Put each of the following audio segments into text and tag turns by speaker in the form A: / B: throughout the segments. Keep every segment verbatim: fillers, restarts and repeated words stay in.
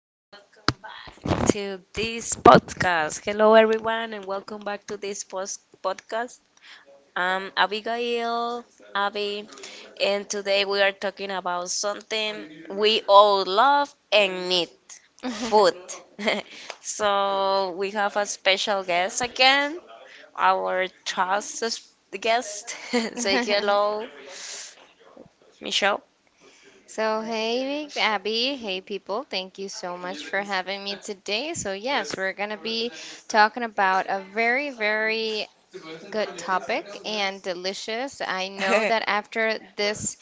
A: and welcome back to this podcast. Hello everyone, and welcome back to this post podcast. I'm Abigail, Abby, and today we are talking about something we all love and need food. so we have a special guest again, our trusted guest. Say hello, Michelle.
B: So, hey, Abby, hey, people, thank you so much for having me today. So, yes, we're going to be talking about a very, very good topic and delicious. I know that after this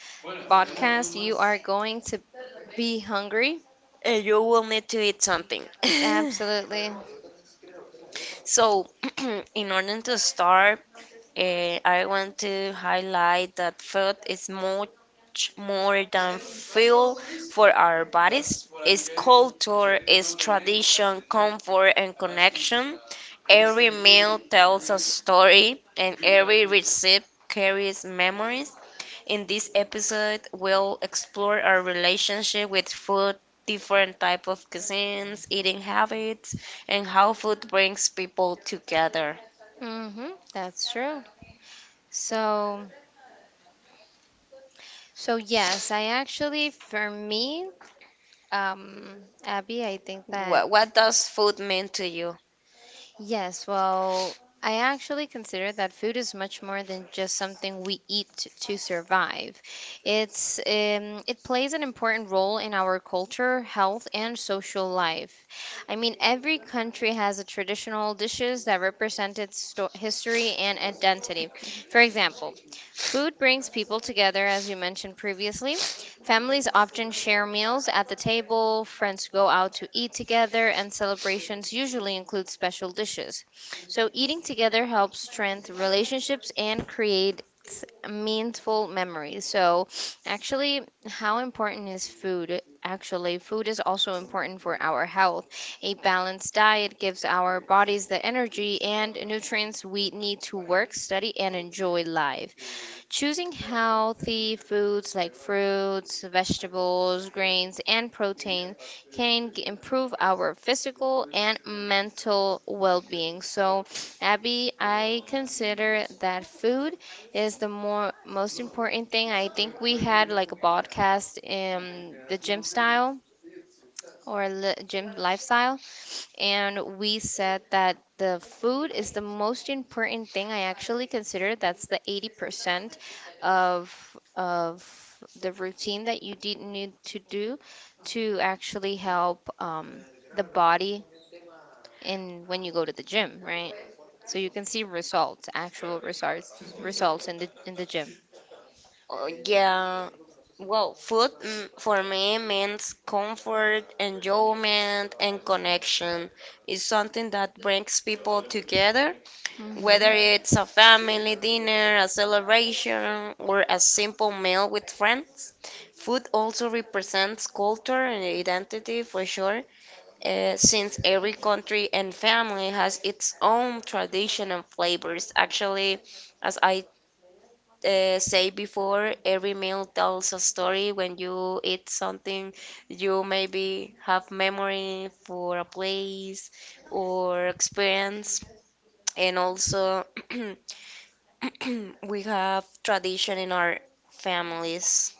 B: podcast, you are going to be hungry.
A: And you will need to eat something.
B: Absolutely.
A: So, in order to start, eh, I want to highlight that food is much more than fuel for our bodies. It's culture, it's tradition, comfort, and connection. Every meal tells a story, and every recipe carries memories. In this episode, we'll explore our relationship with food, different type of cuisines, eating habits, and how food brings people together.
B: Mm-hmm, that's true. So, so yes, I actually, for me, um, Abby, I think that
A: What, what does food mean to you?
B: yes, well, I actually consider that food is much more than just something we eat t- to survive. It's um, it plays an important role in our culture, health, and social life. I mean, every country has a traditional dishes that represent its sto- history and identity. For example, food brings people together, as you mentioned previously. Families often share meals at the table, friends go out to eat together, and celebrations usually include special dishes. So, eating together helps strengthen relationships and creates meaningful memories. So, actually, how important is food? Actually, food is also important for our health. A balanced diet gives our bodies the energy and nutrients we need to work, study, and enjoy life. Choosing healthy foods like fruits, vegetables, grains, and protein can g- improve our physical and mental well being. So, Abby, I consider that food is the more most important thing. I think we had like a podcast in the gym style or li- gym lifestyle, and we said that the food is the most important thing. I actually consider that's the eighty percent of of the routine that you did need to do to actually help um, the body in when you go to the gym, right? So you can see results, actual results, results in the in the gym.
A: Oh, yeah. Well, food mm, for me means comfort, enjoyment, and connection. It's something that brings people together.
B: Hmm.
A: Whether it's a family dinner, a celebration, or a simple meal with friends, food also represents culture and identity for sure, uh, since every country and family has its own tradition and flavors. Actually, as I uh, say before, every meal tells a story. When you eat something, you maybe have memory for a place or experience, and also. We have tradition in our families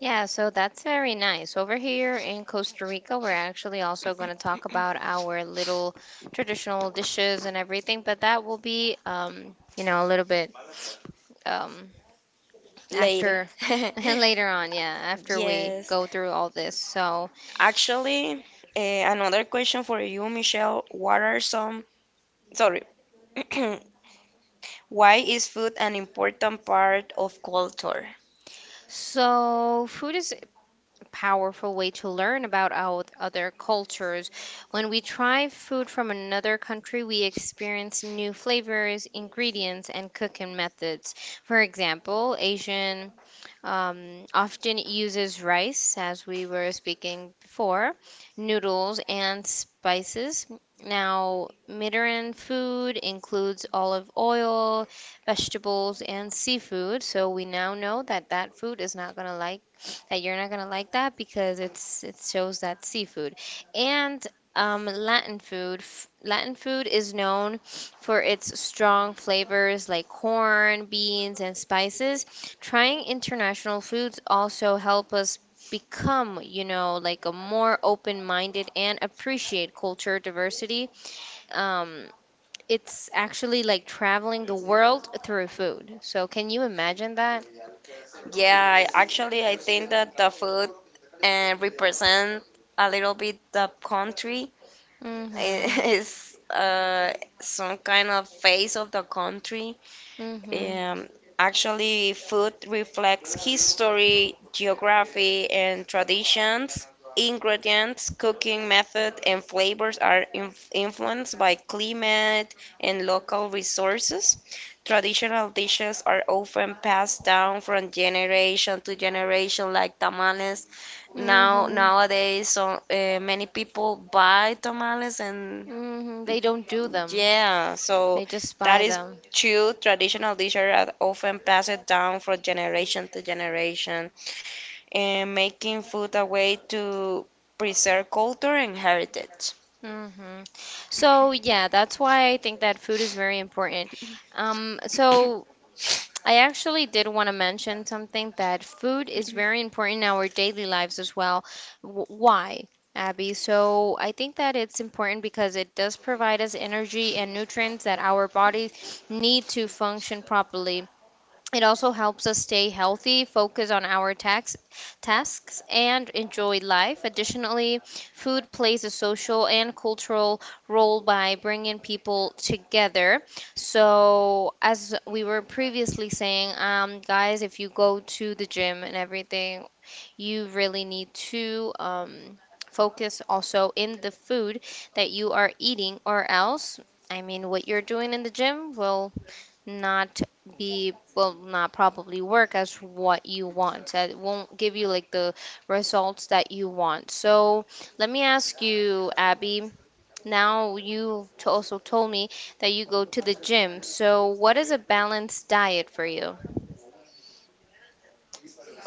B: Yeah, so that's very nice. Over here in Costa Rica, we're actually also going to talk about our little traditional dishes and everything, but that will be, um, you know, a little bit um,
A: later.
B: after later on, yeah, after we
A: Yes.
B: go through all this. So,
A: Actually, eh, another question for you, Michelle. What are some, sorry, why is food an important part of culture?
B: so food is powerful way to learn about our other cultures. When we try food from another country, we experience new flavors, ingredients, and cooking methods. For example, Asian um, often uses rice, as we were speaking before, noodles, and spices. Now, Mediterranean food includes olive oil, vegetables, and seafood. So we now know that that food is not gonna like that you're not gonna like that because it's it shows that seafood. And um, Latin food. F- Latin food is known for its strong flavors like corn, beans, and spices. Trying international foods also help us become, you know, like a more open-minded and appreciate culture diversity. Um, it's actually like traveling the world through food. So can you imagine that?
A: Yeah, I, actually, I think that the food uh, represent a little bit the country. It
B: Mm-hmm.
A: is uh, some kind of face of the country.
B: Mm-hmm.
A: Um, actually, food reflects history, geography, and traditions. Ingredients, cooking method, and flavors are inf- influenced by climate and local resources. Traditional dishes are often passed down from generation to generation, like tamales. Now,
B: Mm-hmm.
A: nowadays, so, uh, many people buy tamales and
B: Mm-hmm. They don't do them.
A: yeah, so
B: They just
A: that
B: buy
A: is
B: them.
A: true. Traditional dishes are often passed down from generation to generation, and making food a way to preserve culture and heritage.
B: Mm-hmm. So yeah, that's why I think that food is very important. Um, so I actually did want to mention something that food is very important in our daily lives as well. W Why, Abby? So I think that it's important because it does provide us energy and nutrients that our bodies need to function properly. It also helps us stay healthy, focus on our tax, tasks, and enjoy life. Additionally, food plays a social and cultural role by bringing people together. So, as we were previously saying, um, guys, if you go to the gym and everything, you really need to um, focus also in the food that you are eating, or else, I mean, what you're doing in the gym will not be will not probably work as what you want, that won't give you like the results that you want. So let me ask you, Abby, now you t- also told me that you go to the gym, so what is a balanced diet for you?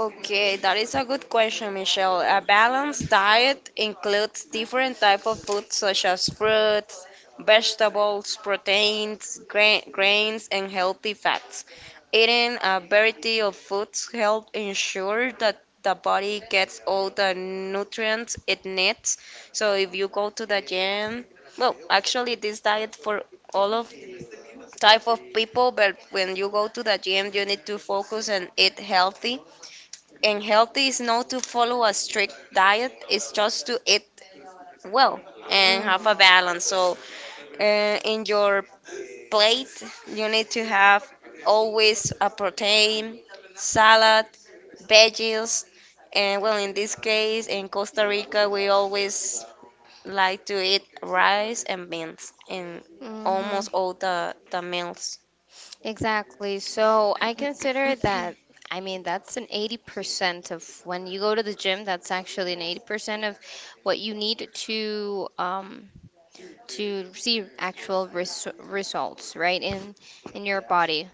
A: Okay, that is a good question, Michelle. A balanced diet includes different type of foods such as fruits, vegetables, proteins, gra- grains, and healthy fats. Eating a variety of foods helps ensure that the body gets all the nutrients it needs. So if you go to the gym, well, actually this diet for all of type of people, but when you go to the gym, you need to focus and eat healthy, and healthy is not to follow a strict diet, it's just to eat well and have
B: Hmm.
A: a balance. So, uh, in your plate, you need to have always a protein, salad, veggies, and well, in this case, in Costa Rica, we always like to eat rice and beans in
B: Hmm.
A: almost all the, the meals.
B: Exactly. So I consider that, I mean, that's an eighty percent of when you go to the gym, that's actually an eighty percent of what you need to um to see actual res results, right? In in your body.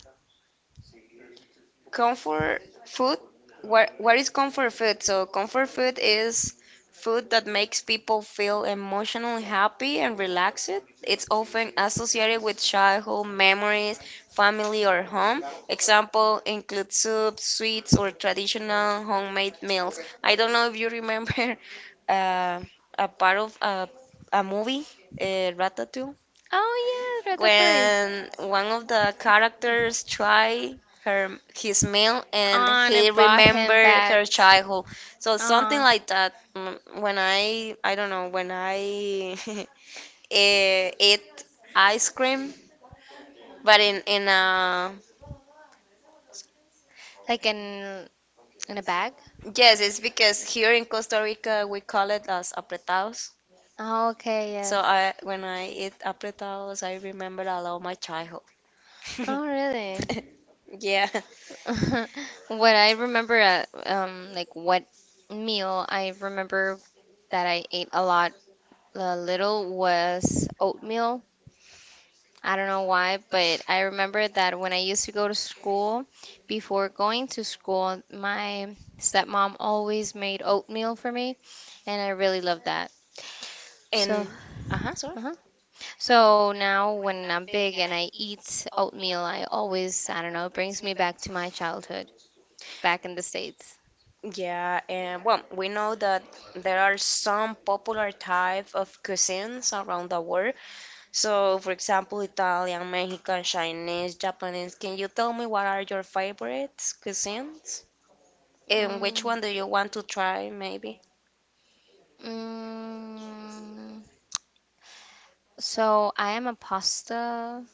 A: Comfort food. What what is comfort food? So comfort food is food that makes people feel emotionally happy and relaxed. It's often associated with childhood memories, family or home. Example include soup, sweets or traditional homemade meals. I don't know if you remember uh, a part of a a movie, uh, ratatouille,
B: Oh yeah, Ratatouille.
A: when one of the characters try her his meal and
B: Ah, and
A: he
B: it brought him
A: remember
B: back.
A: her childhood. So something
B: Ah,
A: like that. Mm, When I I don't know when I eh, eat ice cream, but in in uh
B: like in in a bag.
A: yes, it's because here in Costa Rica we call it as apretados.
B: Oh, okay,
A: So
B: yes.
A: I when I eat apretados, I remember a lot of my childhood.
B: Oh, really?
A: Yeah,
B: What I remember, uh, um, like what meal I remember that I ate a lot uh, little was oatmeal. I don't know why, but I remember that when I used to go to school, before going to school, my stepmom always made oatmeal for me, and I really loved that. So,
A: and uh huh, sorry.
B: uh-huh. So now when I'm big and I eat oatmeal, I always, I don't know, it brings me back to my childhood back in the States.
A: Yeah, and well, we know that there are some popular type of cuisines around the world. So, for example, Italian, Mexican, Chinese, Japanese. Can you tell me what are your favorite cuisines? And
B: Mm.
A: which one do you want to try, maybe?
B: Mm, so I am a pasta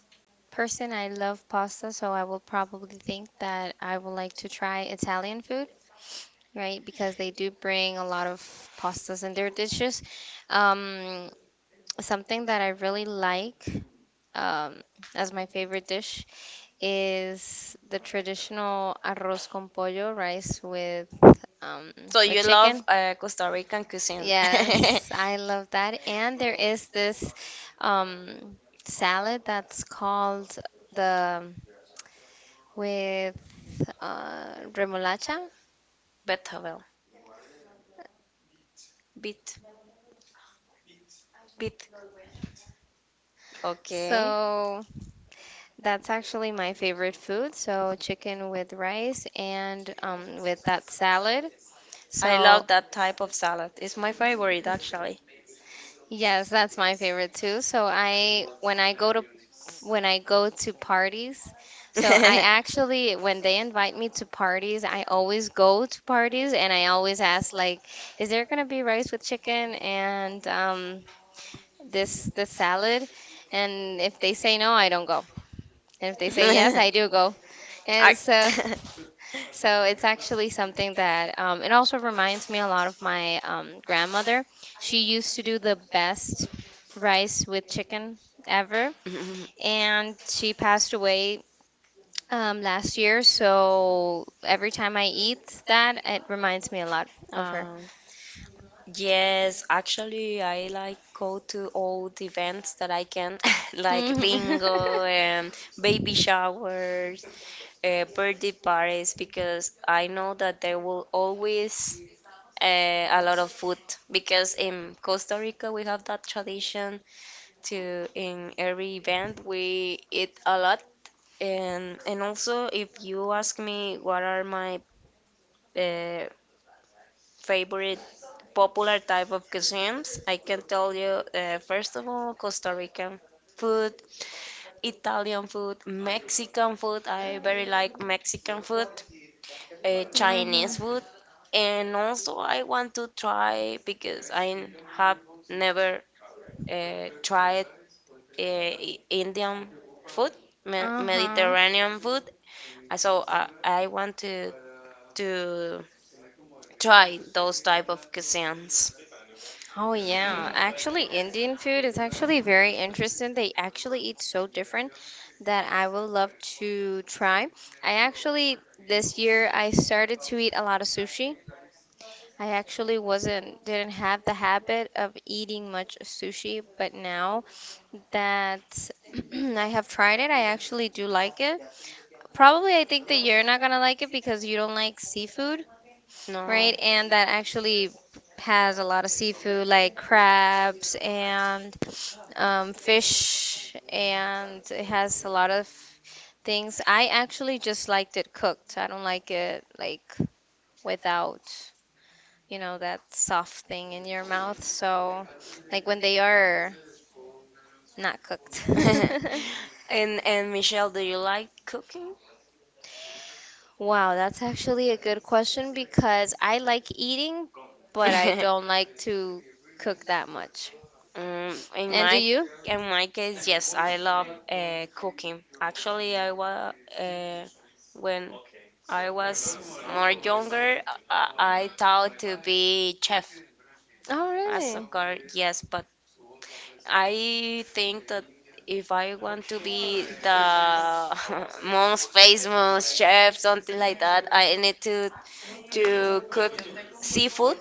B: person. I love pasta, so I will probably think that I would like to try Italian food, right? Because they do bring a lot of pastas in their dishes. Um, something that I really like um, as my favorite dish is the traditional arroz con pollo, rice with um,
A: So
B: with
A: you love
B: chicken.
A: uh, Costa Rican cuisine. Yeah.
B: Yes, I love that. And there is this um, salad that's called the with uh, remolacha.
A: Betabel. Beet. Beet. Okay.
B: So that's actually my favorite food. So chicken with rice and um, with that salad.
A: I
B: So
A: love that type of salad. It's my favorite, actually.
B: yes, that's my favorite too. So I when I go to when I go to parties. So I actually, when they invite me to parties, I always go to parties and I always ask like, is there gonna be rice with chicken and um, this this salad? And if they say no, I don't go. And if they say yes, I do go.
A: I-
B: And so so it's actually something that um, it also reminds me a lot of my um, grandmother. She used to do the best rice with chicken ever, and she passed away um last year, so every time I eat that, it reminds me a lot of her.
A: Um, yes, actually, I like go to all the events that I can, like
B: Mhm.
A: bingo and baby showers, uh, birthday parties, because I know that there will always uh, a lot of food. Because in Costa Rica, we have that tradition to in every event we eat a lot. And and also, if you ask me what are my uh, favorite popular type of cuisines. I can tell you, uh, first of all, Costa Rican food, Italian food, Mexican food. I very like Mexican food, uh,
B: Mhm.
A: Chinese food, and also I want to try because I have never uh, tried uh, I- Indian food, Me-
B: Uh-huh.
A: Mediterranean food. Uh, So uh, I want to to try those type of cuisines.
B: Oh yeah. Actually, Indian food is actually very interesting. They actually eat so different that I would love to try. I actually this year I started to eat a lot of sushi. I actually wasn't didn't have the habit of eating much sushi, but now that I have tried it, I actually do like it. Probably I think that you're not gonna like it because you don't like seafood,
A: No.
B: right? And that actually has a lot of seafood like crabs and um, fish, and it has a lot of things. I actually just liked it cooked. I don't like it like without you know, that soft thing in your mouth. So, like when they are not cooked.
A: And and Michelle, do you like cooking?
B: Wow, that's actually a good question because I like eating, but I don't like to cook that much.
A: Mm, in
B: And do
A: my
B: you?
A: in my case, yes, I love uh, cooking. Actually, I was uh, when I was more younger, I, I thought to be chef
B: Oh,
A: as a
B: really?
A: girl, yes, but I think that if I want to be the most famous chef, something like that, I need to to cook seafood,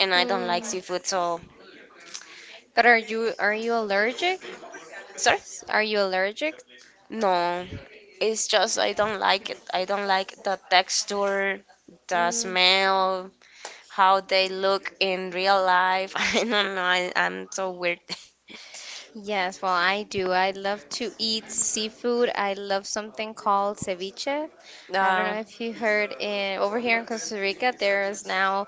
A: and I don't like
B: Mm.
A: seafood. So,
B: But are you are you allergic?
A: sorry,
B: Are you allergic?
A: no, it's just I don't like it. I don't like the texture, the
B: Mm.
A: smell, how they look in real life. I don't know. I, I'm so weird.
B: Yes, well, I do. I love to eat seafood. I love something called ceviche. I don't
A: Uh,
B: know if you heard in over here in Costa Rica, there is now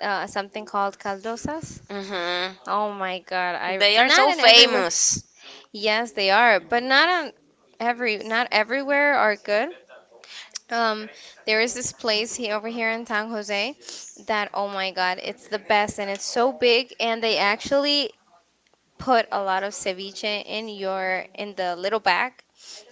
B: uh, something called caldosas.
A: mhm.
B: Oh my God, I
A: They are
B: not
A: so
B: in everywhere.
A: famous.
B: Yes, they are, but not on every not everywhere are good. Um, there is this place here over here in San Jose that oh my God, it's the best and it's so big and they actually put a lot of ceviche in your in the little bag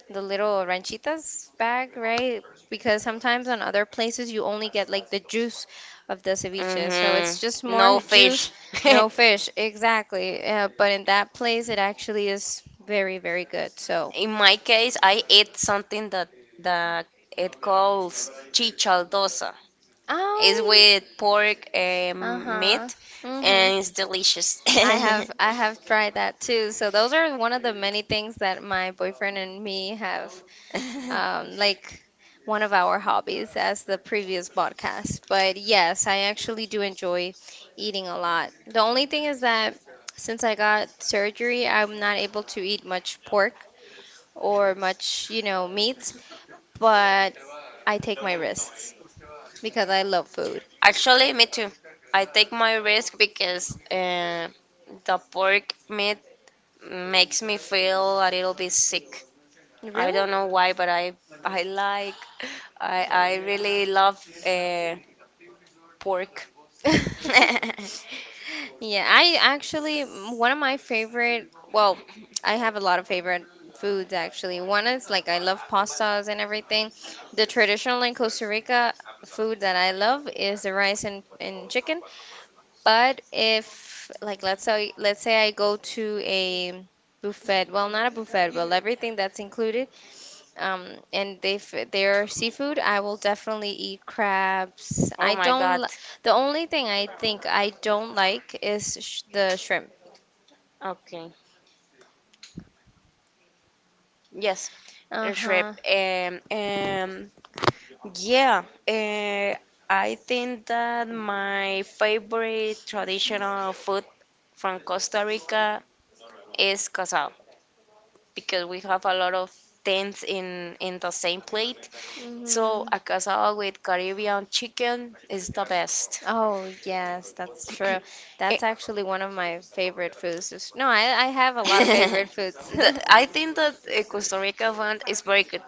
B: the little ranchitas bag, right? Because sometimes on other places you only get like the juice of the ceviche. So it's just
A: Hmm. No
B: more juice,
A: fish.
B: no fish. Exactly. Yeah, but in that place it actually is very, very good. So,
A: In my case, I eat something that that it calls chichaldosa. It's
B: oh,
A: with pork and meat,
B: uh-huh. Mm-hmm.
A: and it's delicious.
B: I have I have tried that too. So those are one of the many things that my boyfriend and me have um, like one of our hobbies as the previous podcast. But yes, I actually do enjoy eating a lot. The only thing is that since I got surgery, I'm not able to eat much pork or much, you know, meat, but I take my risks because I love food.
A: Actually, me too. I take my risk because uh, the pork meat makes me feel a little bit sick. I
B: Really?
A: don't know why, but I I like I I really love uh, pork.
B: Yeah, I actually, m- one of my favorite, well, I have a lot of favorite foods actually. One is like I love pastas and everything. The traditional in Costa Rica food that I love is the rice and, and chicken. But if like let's say let's say I go to a buffet, well, not a buffet, well, everything that's included um, and if they're seafood, I will definitely eat crabs.
A: Oh
B: I
A: my
B: don't
A: God.
B: li- the only thing I think I don't like is sh the shrimp.
A: Okay. Yes. Shrimp.
B: Uh-huh.
A: Um, um, yeah. Uh, I think that my favorite traditional food from Costa Rica is casado because we have a lot of things in in the same plate. So
B: Hmm.
A: a casado with Caribbean chicken is the best.
B: Oh, yes, that's true.
A: Eh,
B: That's actually one of my favorite foods. Just- no, I, I have a lot of favorite foods.
A: the, I think that uh, Costa Rica food is very good.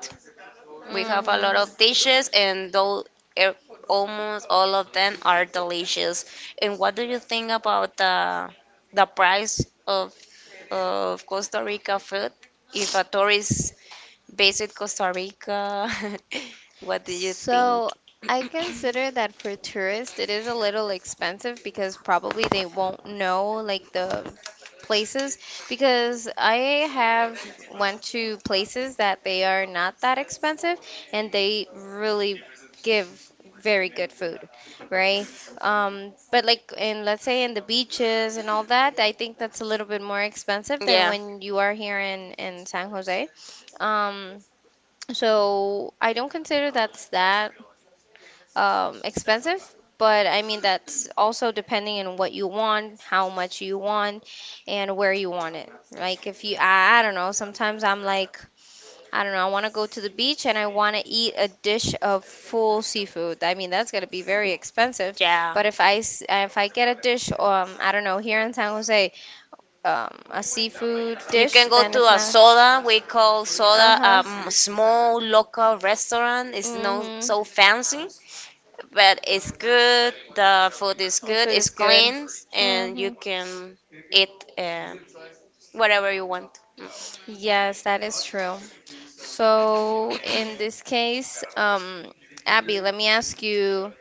A: We have a lot
B: Hmm.
A: of dishes, and though e- almost all of them are delicious. And what do you think about the the price of of Costa Rica food? If a tourist visit Costa Rica, what do you think?
B: So I consider that for tourists it is a little expensive because probably they won't know like the places because I have went to places that they are not that expensive and they really give very good food, right?
A: So,
B: Um, but like in let's say in the beaches and all that, I think that's a little bit more expensive than
A: yeah,
B: when you are here in in San Jose. Um, so I don't consider that's that um, expensive, but I mean that's also depending on what you want, how much you want, and where you want it. Like if you, I, I don't know. Sometimes I'm like, I don't know. I want to go to the beach and I want to eat a dish of full seafood. I mean that's gonna be very expensive.
A: yeah,
B: But if I s- if I get a dish, um, I don't know, here in San Jose, um, a seafood
A: you
B: dish,
A: can go
B: then it's
A: to a
B: not.
A: soda. We call
B: Uh
A: soda
B: huh.
A: a small local restaurant. It's not
B: Mm-hmm.
A: so fancy, but it's good. The food is
B: The
A: good.
B: food
A: It's
B: is good.
A: clean, and you
B: Mm-hmm.
A: can eat uh, whatever you want. Mm,
B: Yes, that is true. So in this case, um, Abby, let me ask you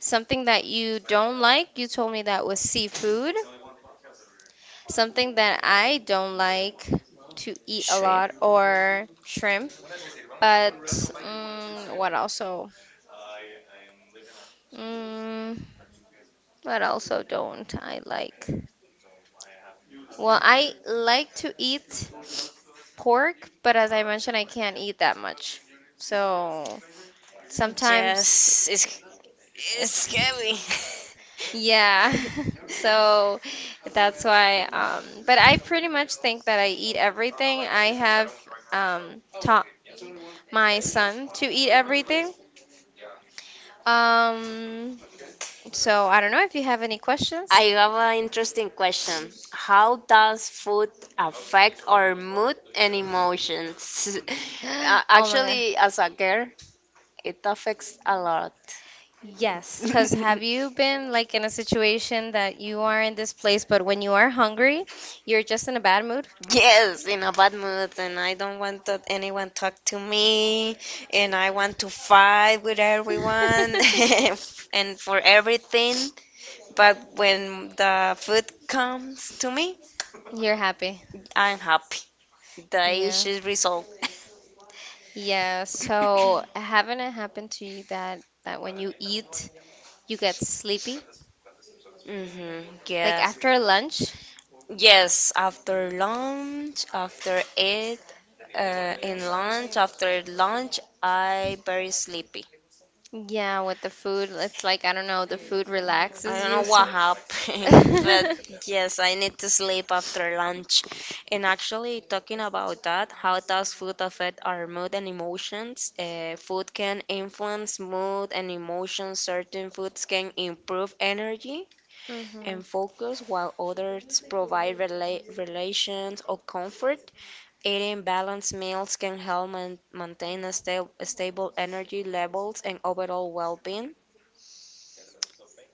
B: something that you don't like. You told me that was seafood. Something that I don't like to eat a
A: Shrimp.
B: lot or shrimp. But mm, what also? Mm, what also don't I like? Well, I like to eat pork, but as I mentioned, I can't eat that much. So
A: Sometimes,
B: sometimes
A: yes, it's it's
B: it's,
A: scary.
B: yeah. So that's why. Um, but I pretty much think that I eat everything. I have um, taught my son to eat everything. Um, So I don't know if you have any questions.
A: I have an interesting question. How does food affect our mood and emotions? A-
B: Oh my god.
A: Actually, as a girl, it affects a lot.
B: Yes, because have you been like in a situation that you are in this place, but when you are hungry, you're just in a bad mood?
A: Yes, in a bad mood, and I don't want that anyone talk to me, and I want to fight with everyone and for everything. But when the food comes to me,
B: You're happy.
A: I'm happy. The
B: Yeah.
A: issue is resolved.
B: Yeah, so haven't it happened to you that that when you eat, you get sleepy?
A: Mm-hmm.
B: Like
A: Yes.
B: after lunch.
A: Yes, after lunch, after it, uh, in lunch, after lunch, I very sleepy.
B: Yeah, with the food, it's like, I don't know, the food
A: I
B: relaxes
A: don't
B: you,
A: know
B: so.
A: what happened, but yes, I need to sleep after lunch. And actually, talking about that, how does food affect our mood and emotions? Uh, food can influence mood and emotions. Certain foods can improve energy
B: Hmm.
A: and focus, while others provide rela- relations or comfort. Eating balanced meals can help man- maintain a sta- stable energy levels and overall well-being.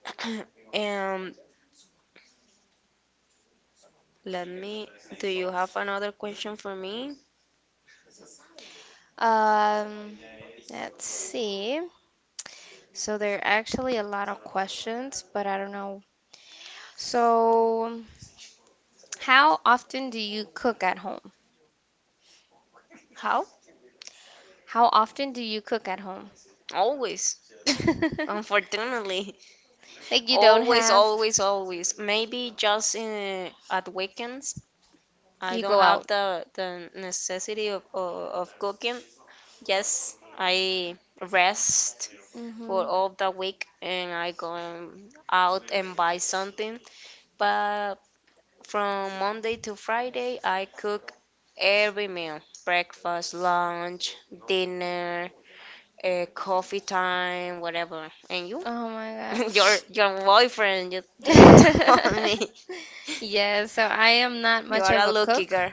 A: And Let me. Do you have another question for me?
B: Um, let's see. So there are actually a lot of questions, but I don't know. So, how often do you cook at home?
A: How?
B: How often do you cook at home?
A: Always. Unfortunately.
B: Like you don't
A: Always,
B: have,
A: always, always. Maybe just in, at weekends. I
B: you
A: don't
B: go
A: have
B: out.
A: the, the necessity of, of, of cooking. Yes, I rest for
B: Hmm.
A: all the week and I go out and buy something. But from Monday to Friday, I cook every meal, breakfast, lunch, dinner, uh, coffee time, whatever. And you?
B: Oh my
A: your your boyfriend you, you told
B: God.
A: me.
B: Yeah, so I am not
A: You
B: much
A: are
B: of
A: a
B: a
A: lucky
B: cook.
A: girl.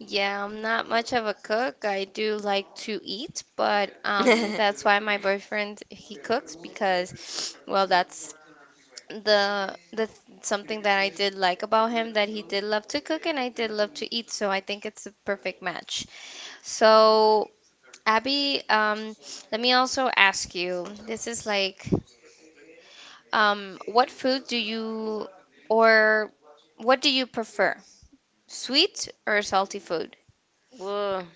B: Yeah, I'm not much of a cook. I do like to eat, but um that's why my boyfriend he cooks because well that's the the th- something that I did like about him that he did love to cook and I did love to eat, so I think it's a perfect match. So Abby, um, let me also ask you. This is like. Um, what food do you or what do you prefer? Sweet or salty food?
A: Whoa.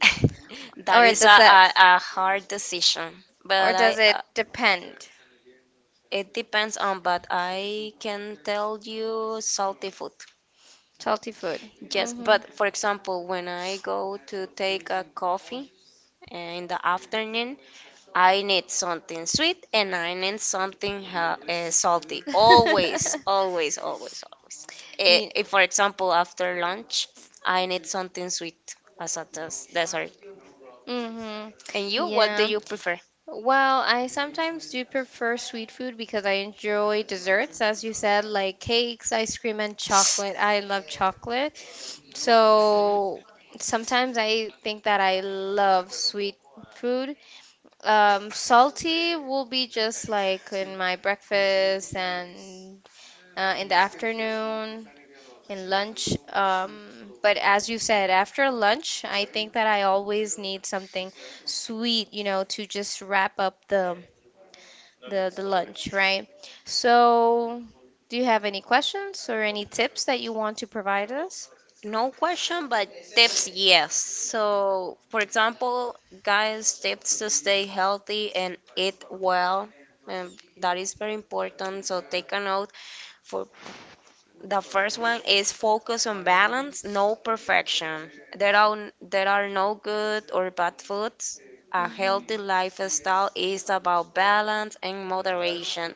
A: That
B: Or
A: is a,
B: does that
A: a, a hard decision.
B: or
A: But
B: does
A: I.
B: it
A: Uh,
B: depend?
A: it depends on, but I can tell you salty food.
B: Salty food.
A: Yes,
B: Mm-hmm.
A: but for example, when I go to take a coffee uh, in the afternoon, I need something sweet and I need something ha- uh, salty. Always, always, always, always. Eh,
B: Yeah.
A: If, for example, after lunch, I need something sweet as a des- dessert. And
B: Mm-hmm.
A: you, what do
B: Yeah.
A: you prefer?
B: Well, I sometimes do prefer sweet food because I enjoy desserts, as you said, like cakes, ice cream, and chocolate. I love chocolate. So sometimes I think that I love sweet food. Um, salty will be just like in my breakfast and uh, in the afternoon, in lunch. Um, but as you said, after lunch, I think that I always need something sweet, you know, to just wrap up the the the lunch, right? So, do you have any questions or any tips that you want to provide us?
A: No question, but tips, yes. So, for example, guys, tips to stay healthy and eat well. And that is very important. So, take a note. For the first one is focus on balance, no perfection. There are there are no good or bad foods. A
B: Mhm.
A: healthy lifestyle is about balance and moderation.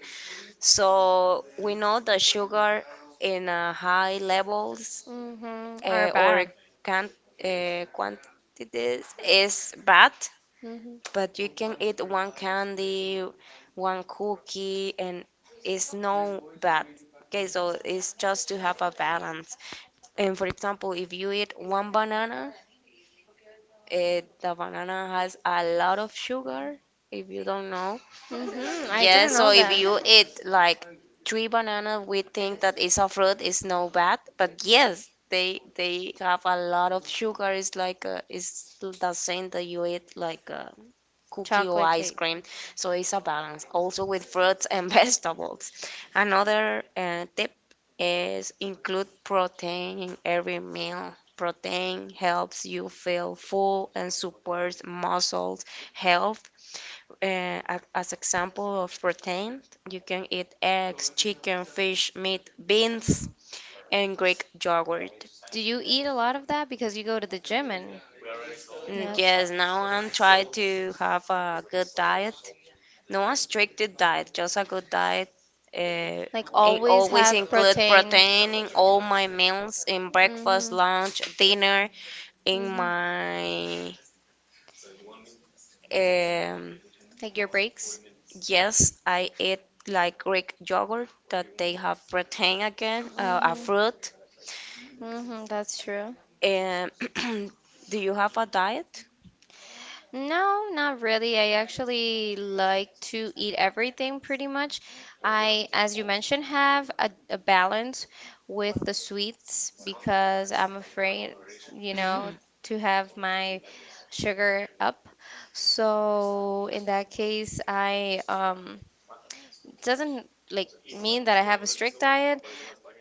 A: So, we know that sugar in uh, high levels
B: Mhm. Are
A: uh, or
B: bad.
A: can uh, quantities is bad,
B: Mhm.
A: but you can eat one candy, one cookie, and it's no bad. Okay, so it's just to have a balance. And for example, if you eat one banana, eh, the banana has a lot of sugar, if you don't know.
B: Mhm. I didn't
A: Yes, so
B: know
A: if
B: that.
A: you eat like three banana, we think that it's a fruit, it's no bad. But yes, they they have a lot of sugar. It's like uh, it's the same that you eat like uh, cookie or
B: Chocolate
A: ice
B: cake.
A: cream. So it's a balance, also with fruits and vegetables. Another uh, tip is include protein in every meal. Protein helps you feel full and supports muscles health. Uh, a- as example of protein, you can eat eggs, chicken, fish, meat, beans, and Greek yogurt.
B: Do you eat a lot of that because you go to the gym and yeah,
A: Mm, yes, now I'm trying to have a good diet. No, a strict diet, just a good diet. Uh,
B: like
A: and
B: always
A: always
B: have
A: include
B: protein.
A: protein in all my meals, in breakfast,
B: Mhm.
A: lunch, dinner, in
B: Mhm.
A: my um,
B: Like your breaks?
A: yes, I eat like Greek yogurt that they have protein again, uh, a
B: Mm-hmm.
A: fruit.
B: Mm-hmm, that's true.
A: And do you have a diet?
B: No, not really. I actually like to eat everything pretty much. I, as you mentioned, have a, a balance with the sweets because I'm afraid, you know,
A: Mm.
B: to have my sugar up. So in that case, I um it doesn't like mean that I have a strict diet,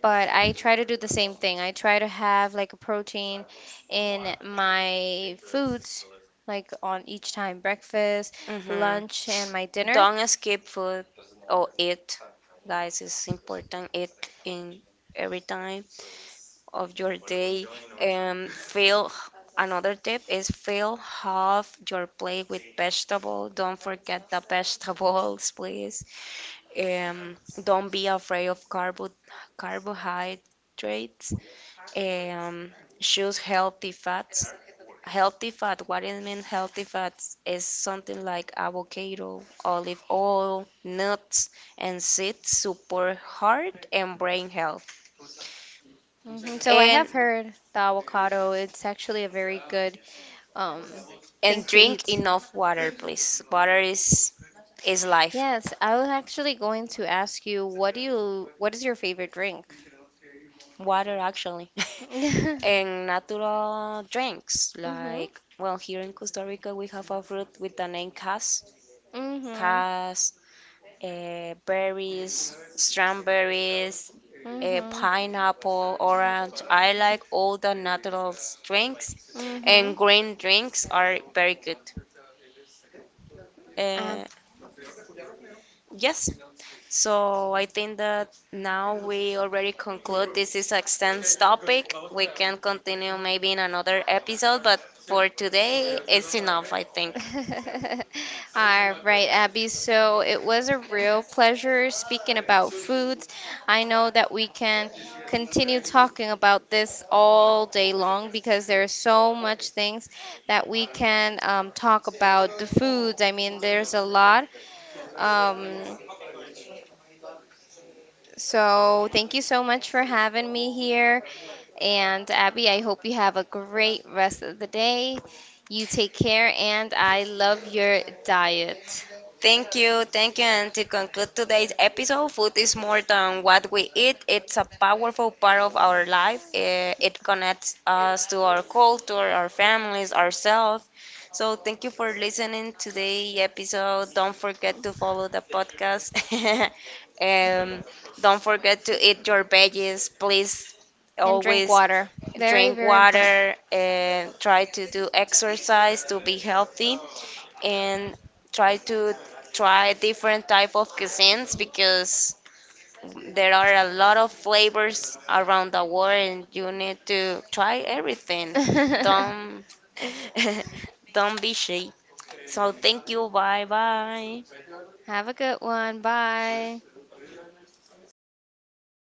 B: but I try to do the same thing. I try to have like a protein in my foods, like on each time breakfast, lunch, and my
A: Mm-hmm.
B: dinner.
A: Don't skip food or eat, guys. It's important. Eat in every time of your day. Um, fill Another tip is fill half your plate with vegetable. Don't forget the vegetables, please. Um, don't be afraid of carbo carbohydrates. Um, choose healthy fats. Healthy fat, what it mean healthy fats is something like avocado, olive oil, nuts, and seeds support heart and brain health.
B: Hmm. So I
A: And
B: have heard the avocado, it's actually a very good um thing
A: and
B: to
A: drink
B: eat.
A: enough water, please. Water is is life.
B: Yes, I was actually going to ask you what do you what is your favorite drink?
A: Water actually. And natural drinks.
B: Mm-hmm.
A: Like, well, here in Costa Rica, we have a fruit with the name cas,
B: Mm-hmm.
A: cas, uh, berries, strawberries, uh,
B: Mm-hmm.
A: pineapple, orange. I like all the natural drinks, and green drinks are very good. Uh, Yes. So I think that now we already conclude this is a extensive topic. We can continue maybe in another episode, but for today it's
B: Enough,
A: enough, I
B: I
A: think.
B: think. All right, Abby. So it was a real pleasure speaking about foods. I know that we can continue talking about this all day long because there are so much things that we can um, talk about the foods. I mean, there's a lot. Um, so, thank you so much for having me here. And Abby, I hope you have a great rest of the day. You take care, and I love your diet.
A: Thank you, thank you. And to conclude today's episode, food is more than what we eat. It's a powerful part of our life. Eh, It connects us to our culture, our families, ourselves. So thank you for listening to the episode. Don't forget to follow the podcast. um, don't forget to eat your veggies. Please
B: And drink
A: always
B: water. Very,
A: drink
B: very important.
A: water and try to do exercise to be healthy and try to try different type of cuisines because there are a lot of flavors around the world and you need to try everything. Don't don't be shy. So thank you. Bye bye.
B: Have a good one. Bye.